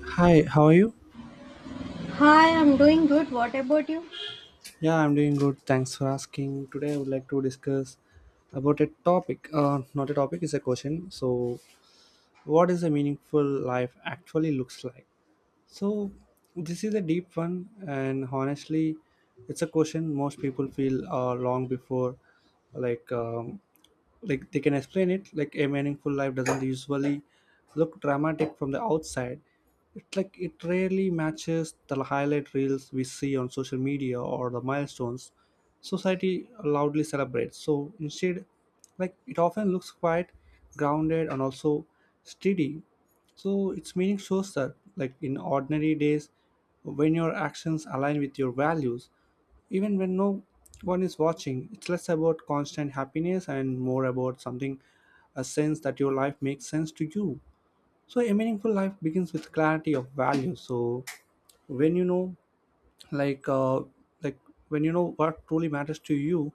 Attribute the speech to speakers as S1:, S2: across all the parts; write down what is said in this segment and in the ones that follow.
S1: Hi, how are you?
S2: Hi, I'm doing good. What about you?
S1: Yeah, I'm doing good. Thanks for asking. Today, I would like to discuss about a topic. Not a topic, it's a question. So, what is a meaningful life actually looks like? So, this is a deep one, and honestly, it's a question most people feel long before, like, um, they can explain it. Like a meaningful life doesn't usually look dramatic from the outside. It rarely matches the highlight reels we see on social media or the milestones society loudly celebrates. So instead, like it often looks quite grounded, and also steady. So its meaning shows that, like, in ordinary days, when your actions align with your values, even when no one is watching, it's less about constant happiness and more about something, a sense that your life makes sense to you. So a meaningful life begins with clarity of value. So when you know, like uh, like when you know what truly matters to you,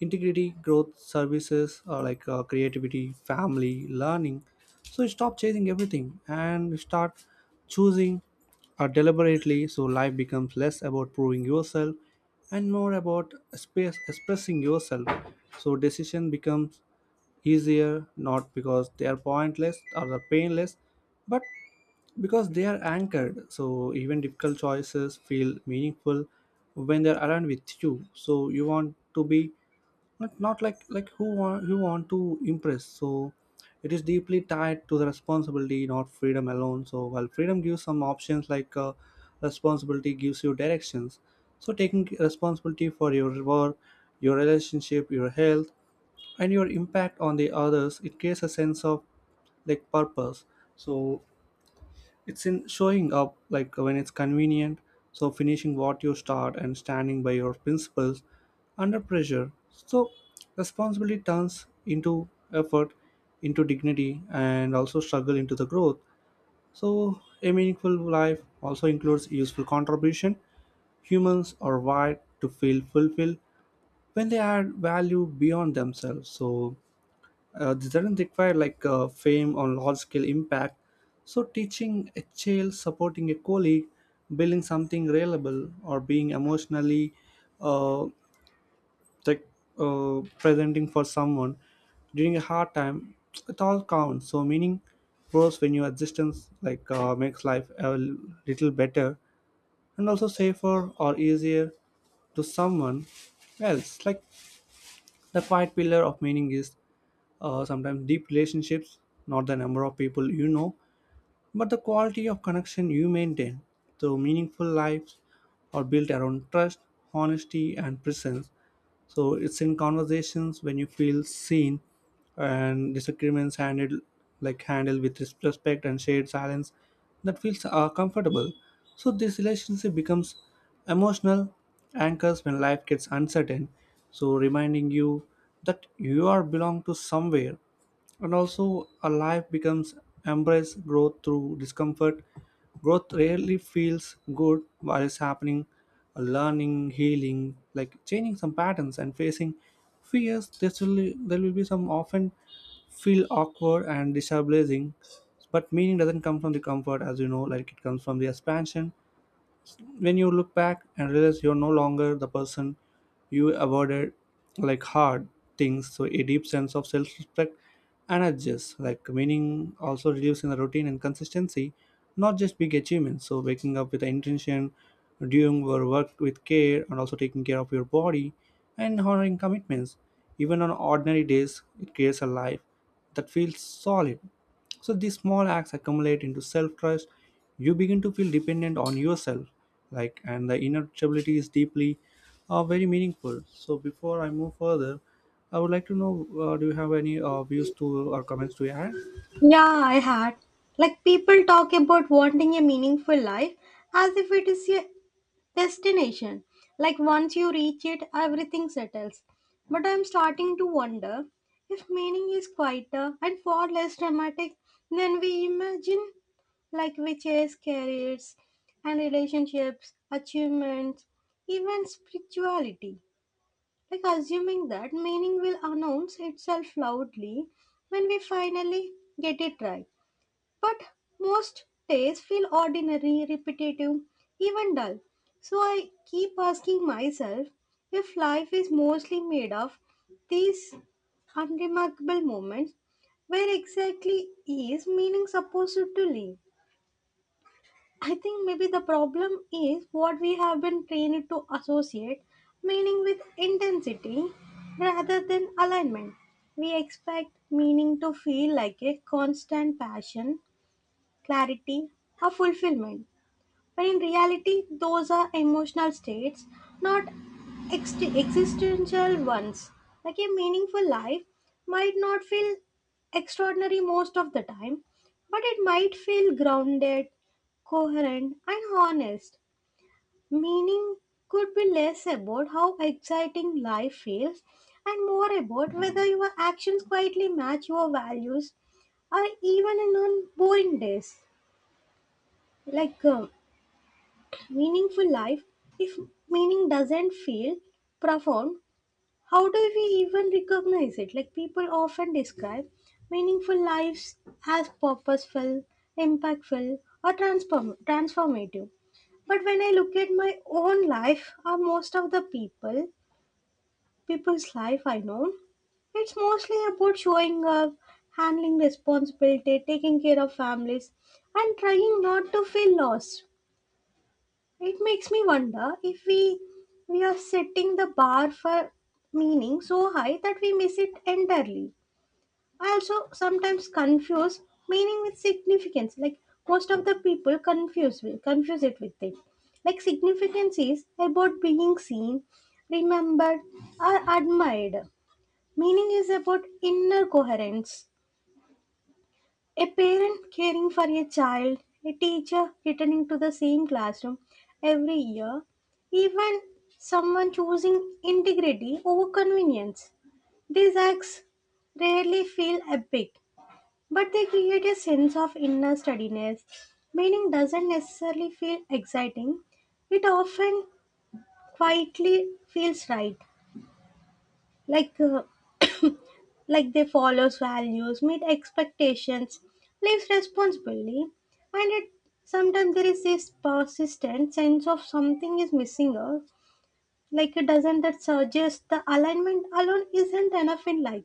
S1: integrity, growth, services, creativity, family, learning, so you stop chasing everything and you start choosing deliberately. So life becomes less about proving yourself and more about space expressing yourself. So decision becomes easier, not because they are pointless or they're painless, but because they are anchored. So even difficult choices feel meaningful when they're around with you. So you want to be, but not like, like who want to impress. So it is deeply tied to the responsibility, not freedom alone. So while freedom gives some options, like, responsibility gives you directions. So taking responsibility for your work, your relationship, your health, and your impact on the others, it creates a sense of, like, purpose. So it's in showing up like when it's convenient, so finishing what you start and standing by your principles under pressure. So responsibility turns into effort, into dignity, and also struggle into the growth. So a meaningful life also includes useful contribution. Humans are wired to feel fulfilled when they add value beyond themselves. So they didn't require fame or large scale impact. So teaching a child, supporting a colleague, building something reliable, or being emotionally uh, like presenting for someone during a hard time, it all counts. So meaning grows when your existence makes life a little better, and also safer or easier to someone else. Like, the quiet pillar of meaning is, sometimes, deep relationships, not the number of people you know, but the quality of connection you maintain, though meaningful lives are built around trust, honesty, and presence. So it's in conversations when you feel seen and disagreements handled, handled with respect, and shared silence that feels comfortable. So this relationship becomes emotional anchors when life gets uncertain. So reminding you that you are belong to somewhere, and also a life becomes embrace growth through discomfort. Growth rarely feels good while it's happening. Learning, healing, like changing some patterns and facing fears, this will there will be some, often feel awkward and destabilizing, but meaning doesn't come from the comfort, as you know. Like it comes from the expansion, when you look back and realize you're no longer the person you avoided, like hard things. So a deep sense of self-respect and adjust, like meaning also reducing the routine and consistency, not just big achievements. So waking up with the intention, doing your work with care, and also taking care of your body and honoring commitments even on ordinary days, it creates a life that feels solid. So these small acts accumulate into self-trust. You begin to feel dependent on yourself, like, and the inner stability is deeply, very meaningful. So before I move further, I would like to know, do you have any views to or comments to add?
S2: Yeah, I had. Like, people talk about wanting a meaningful life as if it is a destination. Like, once you reach it, everything settles. But I'm starting to wonder if meaning is quieter and far less dramatic than we imagine. Like, we chase careers and relationships, achievements, even spirituality, like assuming that meaning will announce itself loudly when we finally get it right. But most days feel ordinary, repetitive, even dull. So I keep asking myself, if life is mostly made of these unremarkable moments, where exactly is meaning supposed to live? I think maybe the problem is what we have been trained to associate meaning with intensity rather than alignment. We expect meaning to feel like a constant passion, clarity, or fulfillment. But in reality, those are emotional states, not existential ones. Like, a meaningful life might not feel extraordinary most of the time, but it might feel grounded, coherent, and honest. Meaning could be less about how exciting life feels and more about whether your actions quietly match your values or even in on boring days. Like, um, meaningful life, if meaning doesn't feel profound, how do we even recognize it? Like, people often describe meaningful lives as purposeful, impactful, or transformative. But when I look at my own life or most of the people's life I know, it's mostly about showing up, handling responsibility, taking care of families, and trying not to feel lost. It makes me wonder if we are setting the bar for meaning so high that we miss it entirely. I also sometimes confuse meaning with significance. Like, most of the people confuse confuse it with it. Like, significance is about being seen, remembered, or admired. Meaning is about inner coherence. A parent caring for a child, a teacher returning to the same classroom every year, even someone choosing integrity over convenience. These acts rarely feel epic, but they create a sense of inner steadiness. Meaning doesn't necessarily feel exciting, it often quietly feels right, like uh, like they follows values, meet expectations, lives responsibly, and it sometimes there is this persistent sense of something is missing, or like it doesn't, that suggest the alignment alone isn't enough in life.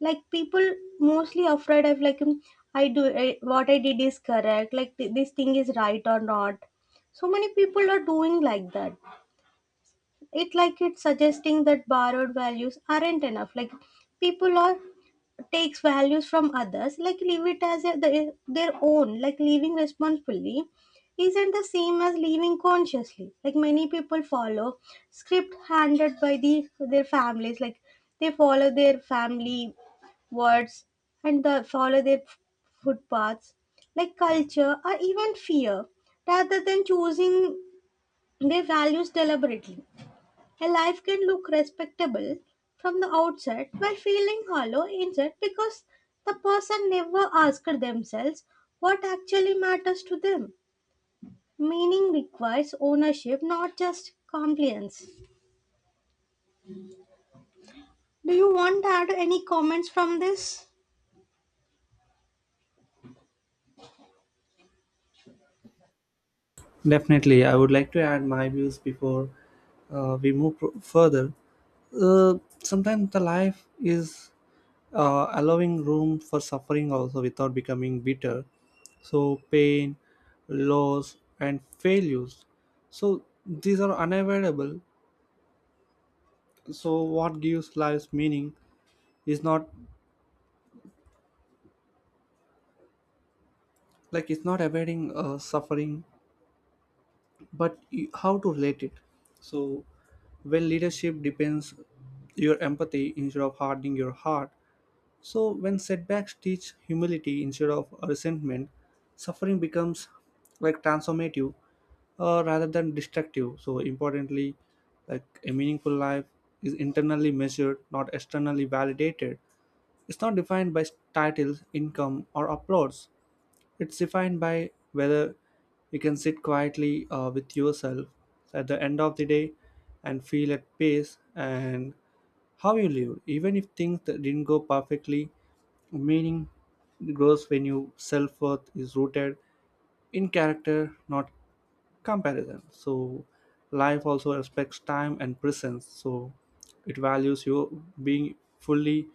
S2: Like, people mostly afraid of I do what I did is correct, like this thing is right or not. So many people are doing like that, it like it's suggesting that borrowed values aren't enough. Like, people are takes values from others, like leave it as their own. Like, living responsibly isn't the same as living consciously. Like, many people follow script handed by the their families, like they follow their family words and the, follow their footpaths, like culture or even fear, rather than choosing their values deliberately. A life can look respectable from the outset while feeling hollow inside because the person never asked themselves what actually matters to them. Meaning requires ownership, not just compliance. Do you want to add any comments from this?
S1: Definitely, I would like to add my views before we move further. Uh, Sometimes the life is allowing room for suffering also without becoming bitter. So, pain, loss, and failures. So, these are unavoidable. So, what gives life's meaning is not, like it's not avoiding suffering, but how to relate it. So, when leadership depends your empathy instead of hardening your heart, so, when setbacks teach humility instead of resentment, suffering becomes like transformative, rather than destructive. So, importantly, like a meaningful life is internally measured, not externally validated. It's not defined by titles, income, or applause. It's defined by whether you can sit quietly with yourself at the end of the day and feel at peace and how you lived, even if things that didn't go perfectly. Meaning grows when your self worth is rooted in character, not comparison. So life also respects time and presence. So it values you being fully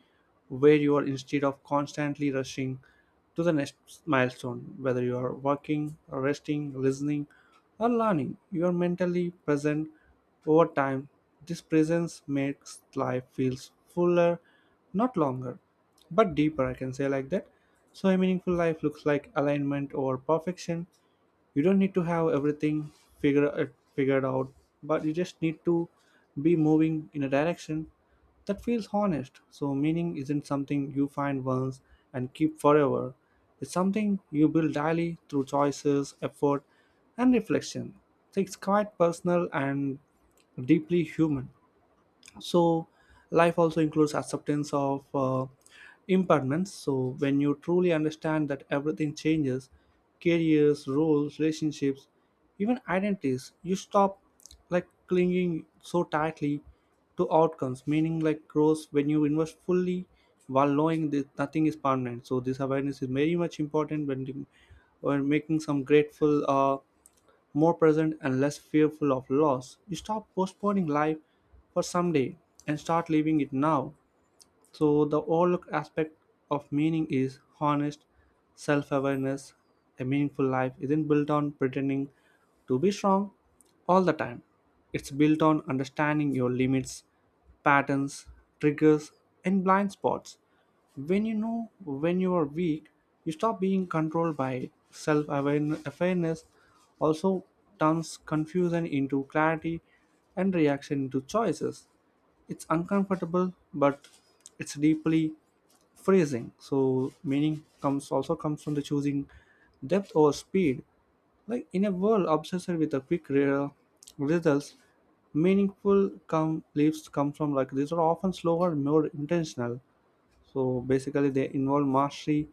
S1: where you are instead of constantly rushing to the next milestone. Whether you are working, resting, listening, or learning, you are mentally present over time. This presence makes life feels fuller, not longer, but deeper. I can say like that. So a meaningful life looks like alignment over perfection. You don't need to have everything figure, uh, figured out, but you just need to be moving in a direction that feels honest. So meaning isn't something you find once and keep forever. It's something you build daily through choices, effort, and reflection. So it's quite personal and deeply human. So life also includes acceptance of impermanence. So when you truly understand that everything changes, careers, roles, relationships, even identities, you stop like clinging so tightly to outcomes. Meaning, like, grows when you invest fully while knowing that nothing is permanent. So this awareness is very much important when making some grateful, more present, and less fearful of loss. You stop postponing life for someday and start living it now. So the overlooked aspect of meaning is honest self-awareness. A meaningful life isn't built on pretending to be strong all the time. It's built on understanding your limits, patterns, triggers, and blind spots. When you know when you are weak, you stop being controlled by self awareness, also turns confusion into clarity and reaction into choices. It's uncomfortable, but it's deeply freezing. So meaning comes, also comes from the choosing depth over speed. Like in a world obsessed with the quick results, meaningful come leaps come from, like, these are often slower, more intentional. So basically, they involve mastery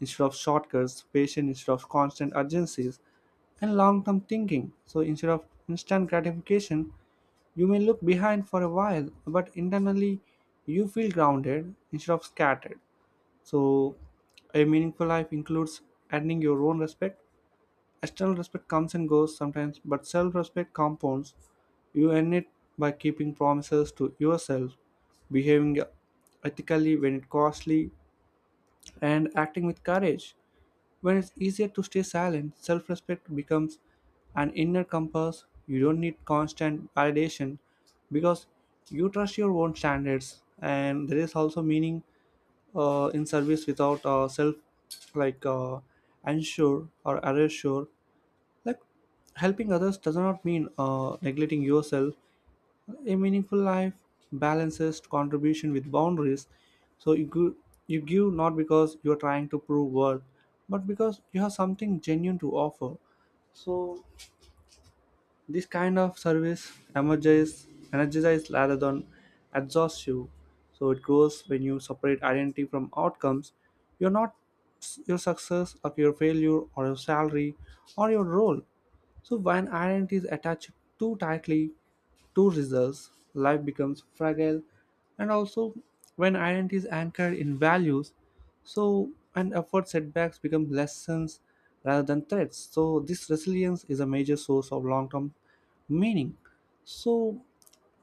S1: instead of shortcuts, patience instead of constant urgencies, and long-term thinking. So instead of instant gratification, you may look behind for a while, but internally you feel grounded instead of scattered. So, a meaningful life includes earning your own respect. External respect comes and goes sometimes, but self respect compounds. You earn it by keeping promises to yourself, behaving ethically when it costly, and acting with courage. When it's easier to stay silent, self respect becomes an inner compass. You don't need constant validation because you trust your own standards, and there is also meaning in service without self like uh, unsure or unsure. Like, helping others does not mean neglecting yourself. A meaningful life balances contribution with boundaries. So you give not because you're trying to prove worth, but because you have something genuine to offer. So this kind of service emerges, energizes rather than exhausts you. So it grows when you separate identity from outcomes. You're not your success or your failure or your salary or your role. So when identity is attached too tightly two results, life becomes fragile, and also when identity is anchored in values, so and effort, setbacks become lessons rather than threats. So this resilience is a major source of long term meaning. So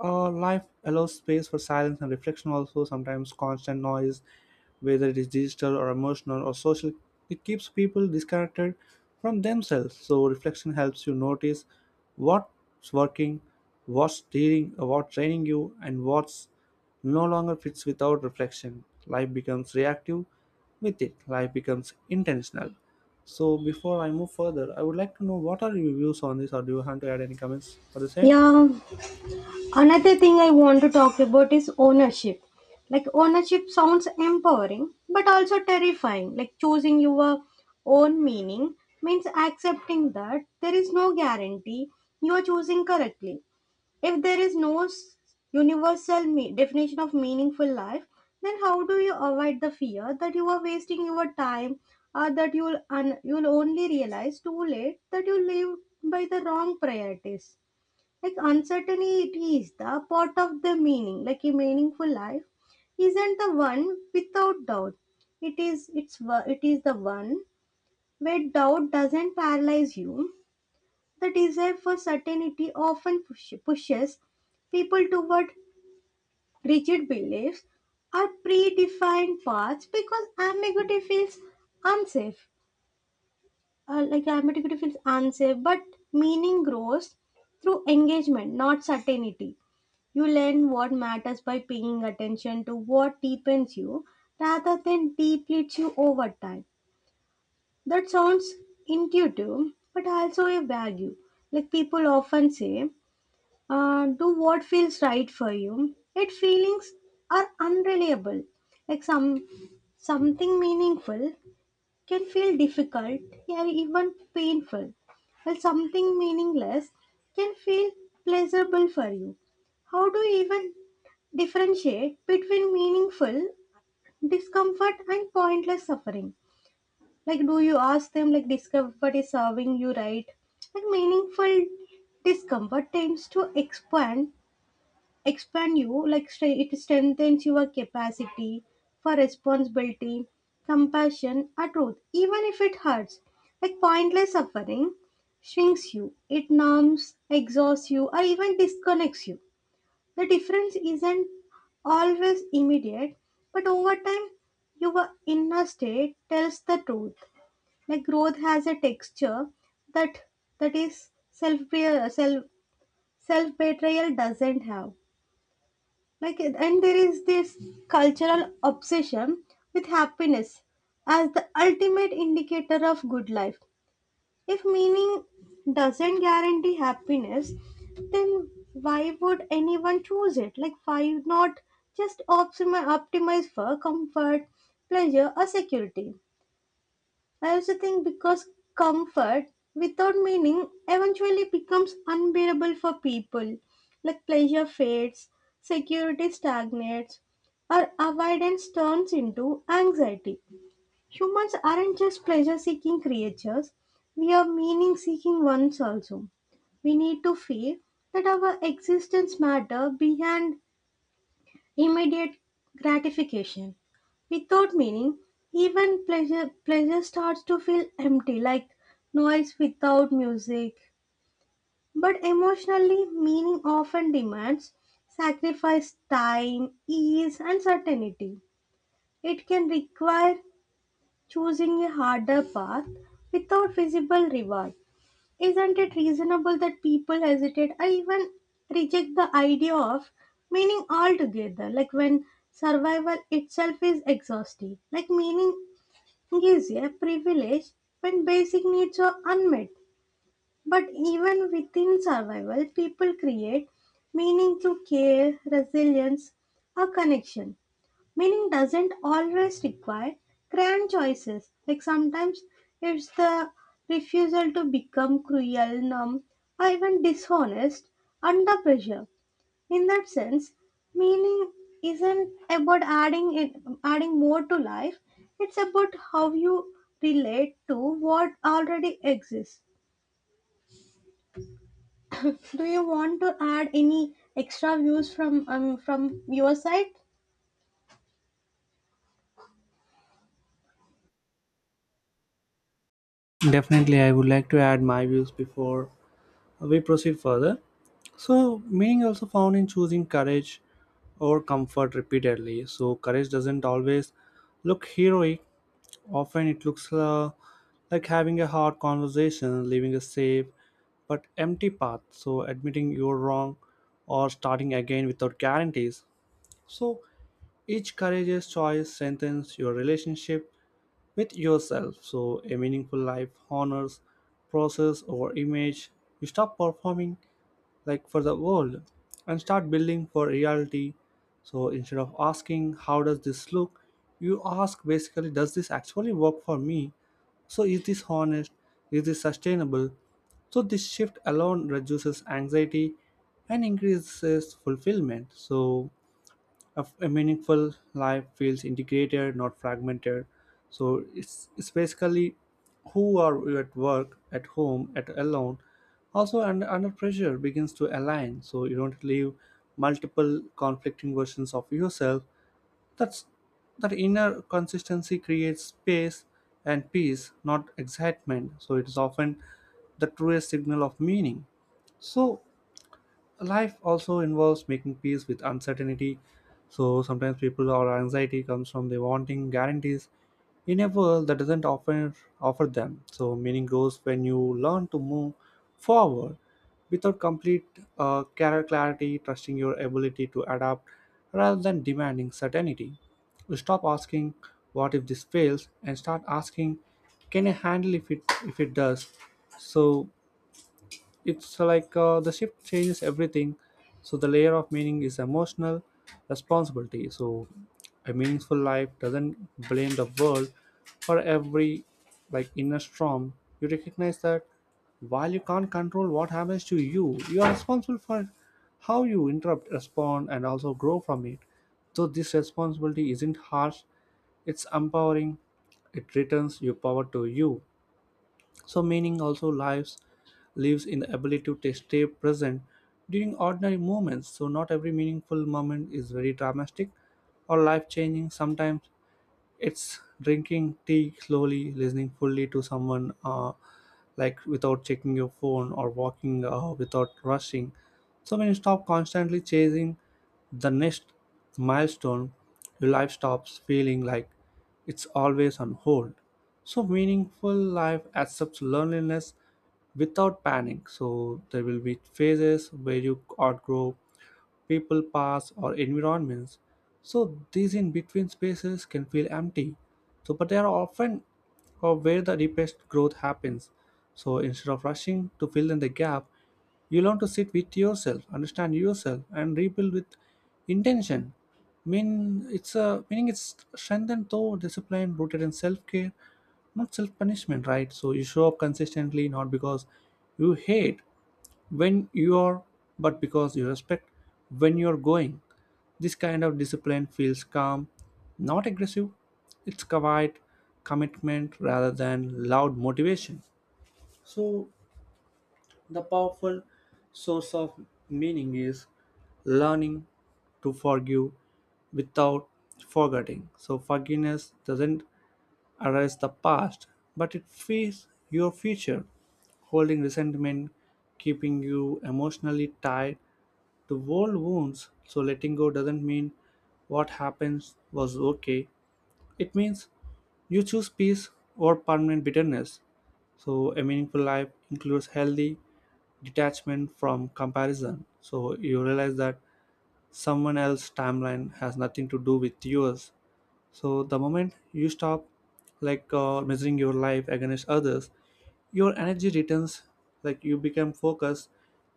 S1: life allows space for silence and reflection also. Sometimes constant noise, whether it is digital or emotional or social, it keeps people disconnected from themselves. So reflection helps you notice what's working, what's steering, what's draining you, and what's no longer fits. Without reflection life becomes reactive, with it life becomes intentional. So before I move further, I would like to know what are your views on this, or do you want to add any comments for the same?
S2: Yeah, another thing I want to talk about is ownership. Like, ownership sounds empowering but also terrifying. Like, choosing your own meaning means accepting that there is no guarantee you are choosing correctly. If there is no universal definition of meaningful life, then how do you avoid the fear that you are wasting your time, or that you'll you'll only realize too late that you live by the wrong priorities? Like, uncertainty, it is the part of the meaning. Like, a meaningful life isn't the one without doubt, it is the one where doubt doesn't paralyze you. The desire for certainty often pushes people toward rigid beliefs or predefined paths because ambiguity feels unsafe. Like, ambiguity feels unsafe, but meaning grows through engagement, not certainty. You learn what matters by paying attention to what deepens you rather than depletes you over time. That sounds intuitive, but also a value. Like, people often say, do what feels right for you. Yet feelings are unreliable. Like some Something meaningful can feel difficult, yeah, even painful, while something meaningless can feel pleasurable for you. How do you even differentiate between meaningful discomfort and pointless suffering? Like, do you ask them, like, discomfort is serving you right? Like, meaningful discomfort tends to expand you. Like, it strengthens your capacity for responsibility, compassion, or truth, even if it hurts. Like, pointless suffering shrinks you, it numbs, exhausts you, or even disconnects you. The difference isn't always immediate, but over time your inner state tells the truth. Like, growth has a texture that that is self self self betrayal doesn't have. Like, and there is this cultural obsession with happiness as the ultimate indicator of good life. If meaning doesn't guarantee happiness, then why would anyone choose it? Like, why not just optimize for comfort, pleasure, or security? I also think because comfort without meaning eventually becomes unbearable for people. Like, pleasure fades, security stagnates, or avoidance turns into anxiety. Humans aren't just pleasure seeking creatures, we are meaning seeking ones also. We need to feel that our existence matter behind immediate gratification. Without meaning, even pleasure starts to feel empty, like noise without music. But emotionally, meaning often demands sacrifice, time, ease, and certainty. It can require choosing a harder path without visible reward. Isn't it reasonable that people hesitate or even reject the idea of meaning altogether? Like, when survival itself is exhaustive. Like, meaning is a privilege when basic needs are unmet. But even within survival, people create meaning through care, resilience, or connection. Meaning doesn't always require grand choices. Like, sometimes it's the refusal to become cruel, numb, or even dishonest under pressure. In that sense, meaning isn't about adding more to life. It's about how you relate to what already exists. Do you want to add any extra views from your side?
S1: Definitely, I would like to add my views before we proceed further. So, meaning also found in choosing courage or comfort repeatedly. So, courage doesn't always look heroic. Often, it looks like having a hard conversation, leaving a safe but empty path. So, admitting you're wrong or starting again without guarantees. So each courageous choice strengthens your relationship with yourself. So a meaningful life honors process or image. You stop performing like for the world and start building for reality. So instead of asking how does this look, you ask basically, does this actually work for me? So is this honest? Is this sustainable? So this shift alone reduces anxiety and increases fulfillment. So a meaningful life feels integrated, not fragmented. So it's basically who are you at work, at home, at alone. Also under pressure begins to align, so you don't live multiple conflicting versions of yourself. that's that inner consistency creates space and peace, not excitement, so it is often the truest signal of meaning. So life also involves making peace with uncertainty. So sometimes people or anxiety comes from they wanting guarantees in a world that doesn't often offer them. So meaning grows when you learn to move forward without complete clarity, trusting your ability to adapt rather than demanding certainty. You stop asking what if this fails and start asking can I handle if it does. So it's like the shift changes everything. So the layer of meaning is emotional responsibility. So a meaningful life doesn't blame the world for every inner storm. You recognize that while you can't control what happens to you, you are responsible for how you interrupt, respond, and also grow from it. So this responsibility isn't harsh, it's empowering. It returns your power to you. So meaning also lives in the ability to stay present during ordinary moments. So not every meaningful moment is very dramatic or life changing. Sometimes it's drinking tea slowly, listening fully to someone without checking your phone, or walking without rushing. So when you stop constantly chasing the next milestone, your life stops feeling like it's always on hold. So meaningful life accepts loneliness without panic. So there will be phases where you outgrow people, paths, or environments. So these in between spaces can feel empty. So, but they are often or where the deepest growth happens. So instead of rushing to fill in the gap, you learn to sit with yourself, understand yourself, and rebuild with intention. Meaning it's strengthened though discipline rooted in self care, not self punishment, right? So you show up consistently, not because you hate when you are, but because you respect when you're going. This kind of discipline feels calm, not aggressive. It's quiet commitment rather than loud motivation. So the powerful source of meaning is learning to forgive without forgetting. So forgiveness doesn't arrests the past, but it frees your future, holding resentment, keeping you emotionally tied to old wounds. So letting go doesn't mean what happens was okay. It means you choose peace or permanent bitterness. So a meaningful life includes healthy detachment from comparison. So you realize that someone else's timeline has nothing to do with yours. So the moment you stop measuring your life against others, your energy returns. Like, you become focused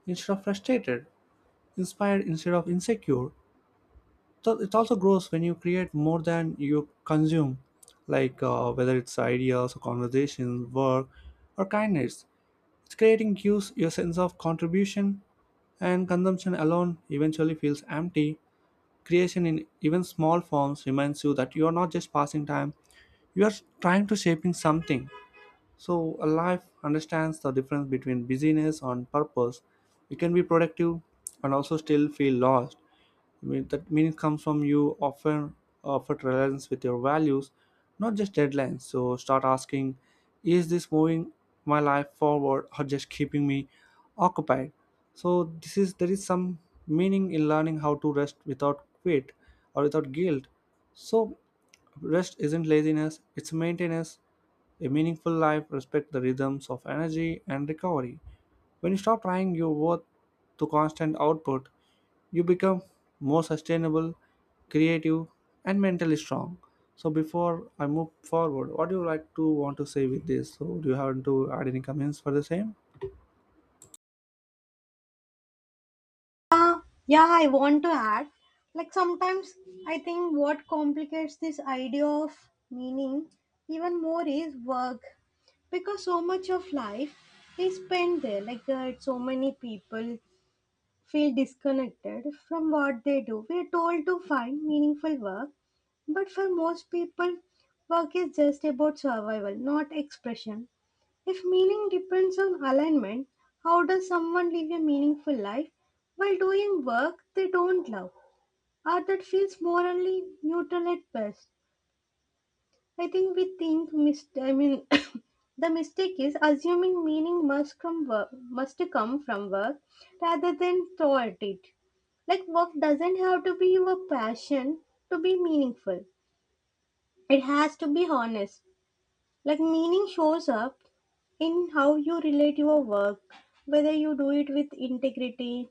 S1: instead of frustrated, inspired instead of insecure. So it also grows when you create more than you consume, whether it's ideas or conversations, work, or kindness. It's creating gives your sense of contribution, and consumption alone eventually feels empty. Creation in even small forms reminds you that you are not just passing time, you are trying to shaping something. So, a life understands the difference between busyness and purpose. You can be productive and also still feel lost. I mean, that meaning comes from you often offer relevance with your values, not just deadlines. So, start asking, is this moving my life forward or just keeping me occupied? So, this is there is some meaning in learning how to rest without quit or without guilt. So, rest isn't laziness; it's maintenance. A meaningful life respects the rhythms of energy and recovery. When you stop trying your worth to constant output, you become more sustainable, creative, and mentally strong. So before I move forward, what do you like to want to say with this? So do you have to add any comments for the same?
S2: Yeah, I want to add. Like, sometimes I think what complicates this idea of meaning even more is work, because so much of life is spent there. So many people feel disconnected from what they do. We're told to find meaningful work, but for most people, work is just about survival, not expression. If meaning depends on alignment, how does someone live a meaningful life while doing work they don't love or that feels morally neutral at best? I think we think I mean the mistake is assuming meaning must come work, must come from work rather than toward it. Like, work doesn't have to be your passion to be meaningful. It has to be honest. Like, meaning shows up in how you relate your work, whether you do it with integrity,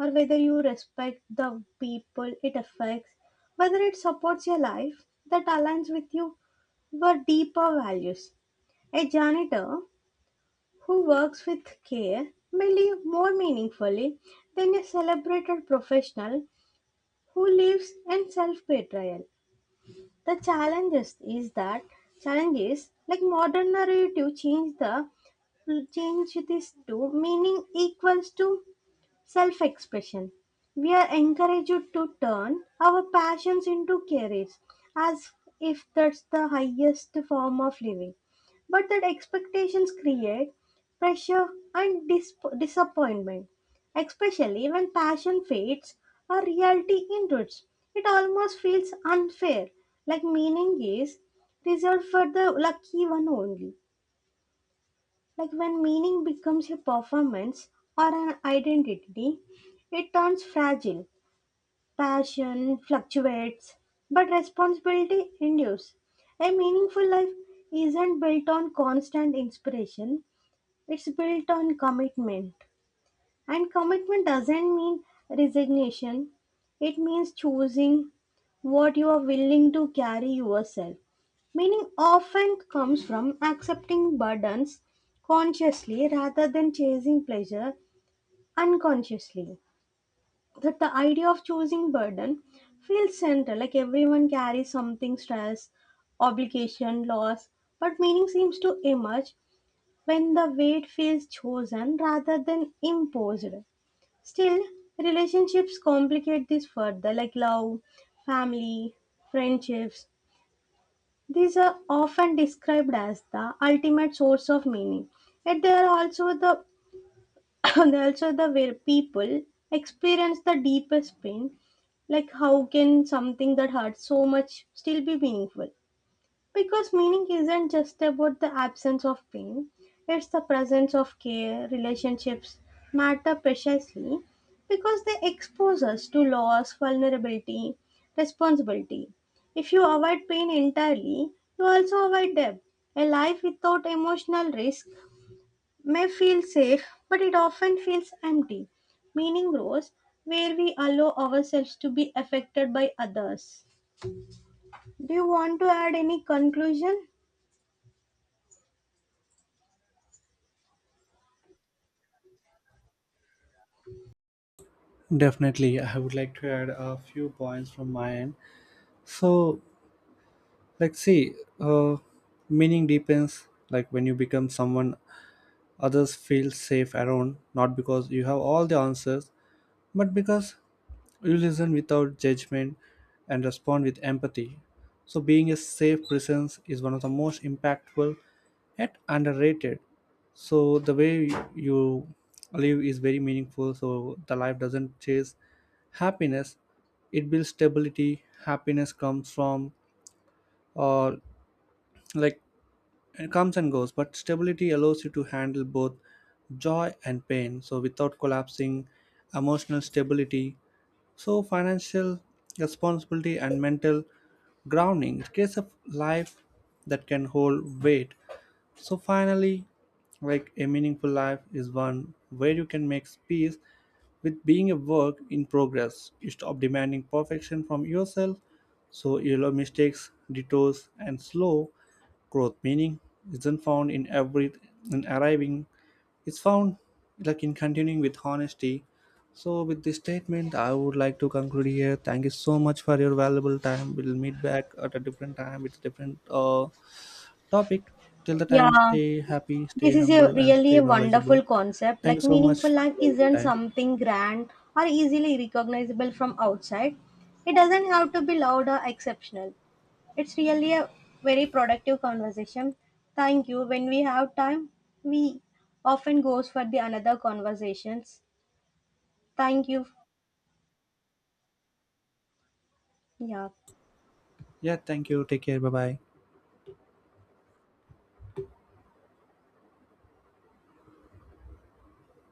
S2: or whether you respect the people it affects, whether it supports your life that aligns with you were deeper values. A janitor who works with care may live more meaningfully than a celebrated professional who lives in self betrayal. The challenges is that Challenges like modern narrative change the change this to meaning equals to self expression. We are encouraged to turn our passions into careers as if that's the highest form of living. But that expectations create pressure and disappointment, especially when passion fades or reality intrudes. It almost feels unfair, like meaning is reserved for the lucky one only. Like, when meaning becomes a performance or an identity, it turns fragile. Passion fluctuates, but responsibility endures. A meaningful life isn't built on constant inspiration, it's built on commitment. And commitment doesn't mean resignation, it means choosing what you are willing to carry yourself. Meaning often comes from accepting burdens consciously rather than chasing pleasure unconsciously. That the idea of choosing burden feels central, like everyone carries something, stress, obligation, loss, but meaning seems to emerge when the weight feels chosen rather than imposed. Still, relationships complicate this further, like love, family, friendships. These are often described as the ultimate source of meaning. Yet they are also the they are also the where people experience the deepest pain. Like, how can something that hurts so much still be meaningful? Because meaning isn't just about the absence of pain, it's the presence of care. Relationships matter precisely because they expose us to loss, vulnerability, responsibility. If you avoid pain entirely, you also avoid depth. A life without emotional risk may feel safe, but it often feels empty. Meaning grows where we allow ourselves to be affected by others. Do you want to add any conclusion?
S1: Definitely, I would like to add a few points from my end. So, like, see, uh, meaning depends. Like, when you become someone others feel safe around, not because you have all the answers, but because you listen without judgment and respond with empathy. So being a safe presence is one of the most impactful yet underrated. So the way you live is very meaningful. So the life doesn't chase happiness, it builds stability. Happiness comes from uh, like it comes and goes, but stability allows you to handle both joy and pain. So, without collapsing, emotional stability, so financial responsibility and mental grounding. It creates a life that can hold weight. So finally, like, a meaningful life is one where you can make peace with being a work in progress. You stop demanding perfection from yourself, so you allow mistakes, detours, and slow growth. Meaning isn't found in every in arriving. It's found, like, in continuing with honesty. So with this statement, I would like to conclude here. Thank you so much for your valuable time. We'll meet back at a different time with different topic. Till the time,
S2: Yeah,
S1: stay happy, stay
S2: this is a
S1: humble, and
S2: really
S1: stay
S2: a wonderful
S1: knowledgeable.
S2: concept.
S1: Thank you
S2: Like,
S1: so much
S2: meaningful
S1: for
S2: life
S1: your valuable
S2: isn't
S1: time.
S2: something grand or easily recognizable from outside. It doesn't have to be loud or exceptional. It's really a very productive conversation. Thank you. When we have time, we often goes for the another conversations. Thank you. Yeah.
S1: Yeah, thank you. Take care. Bye bye.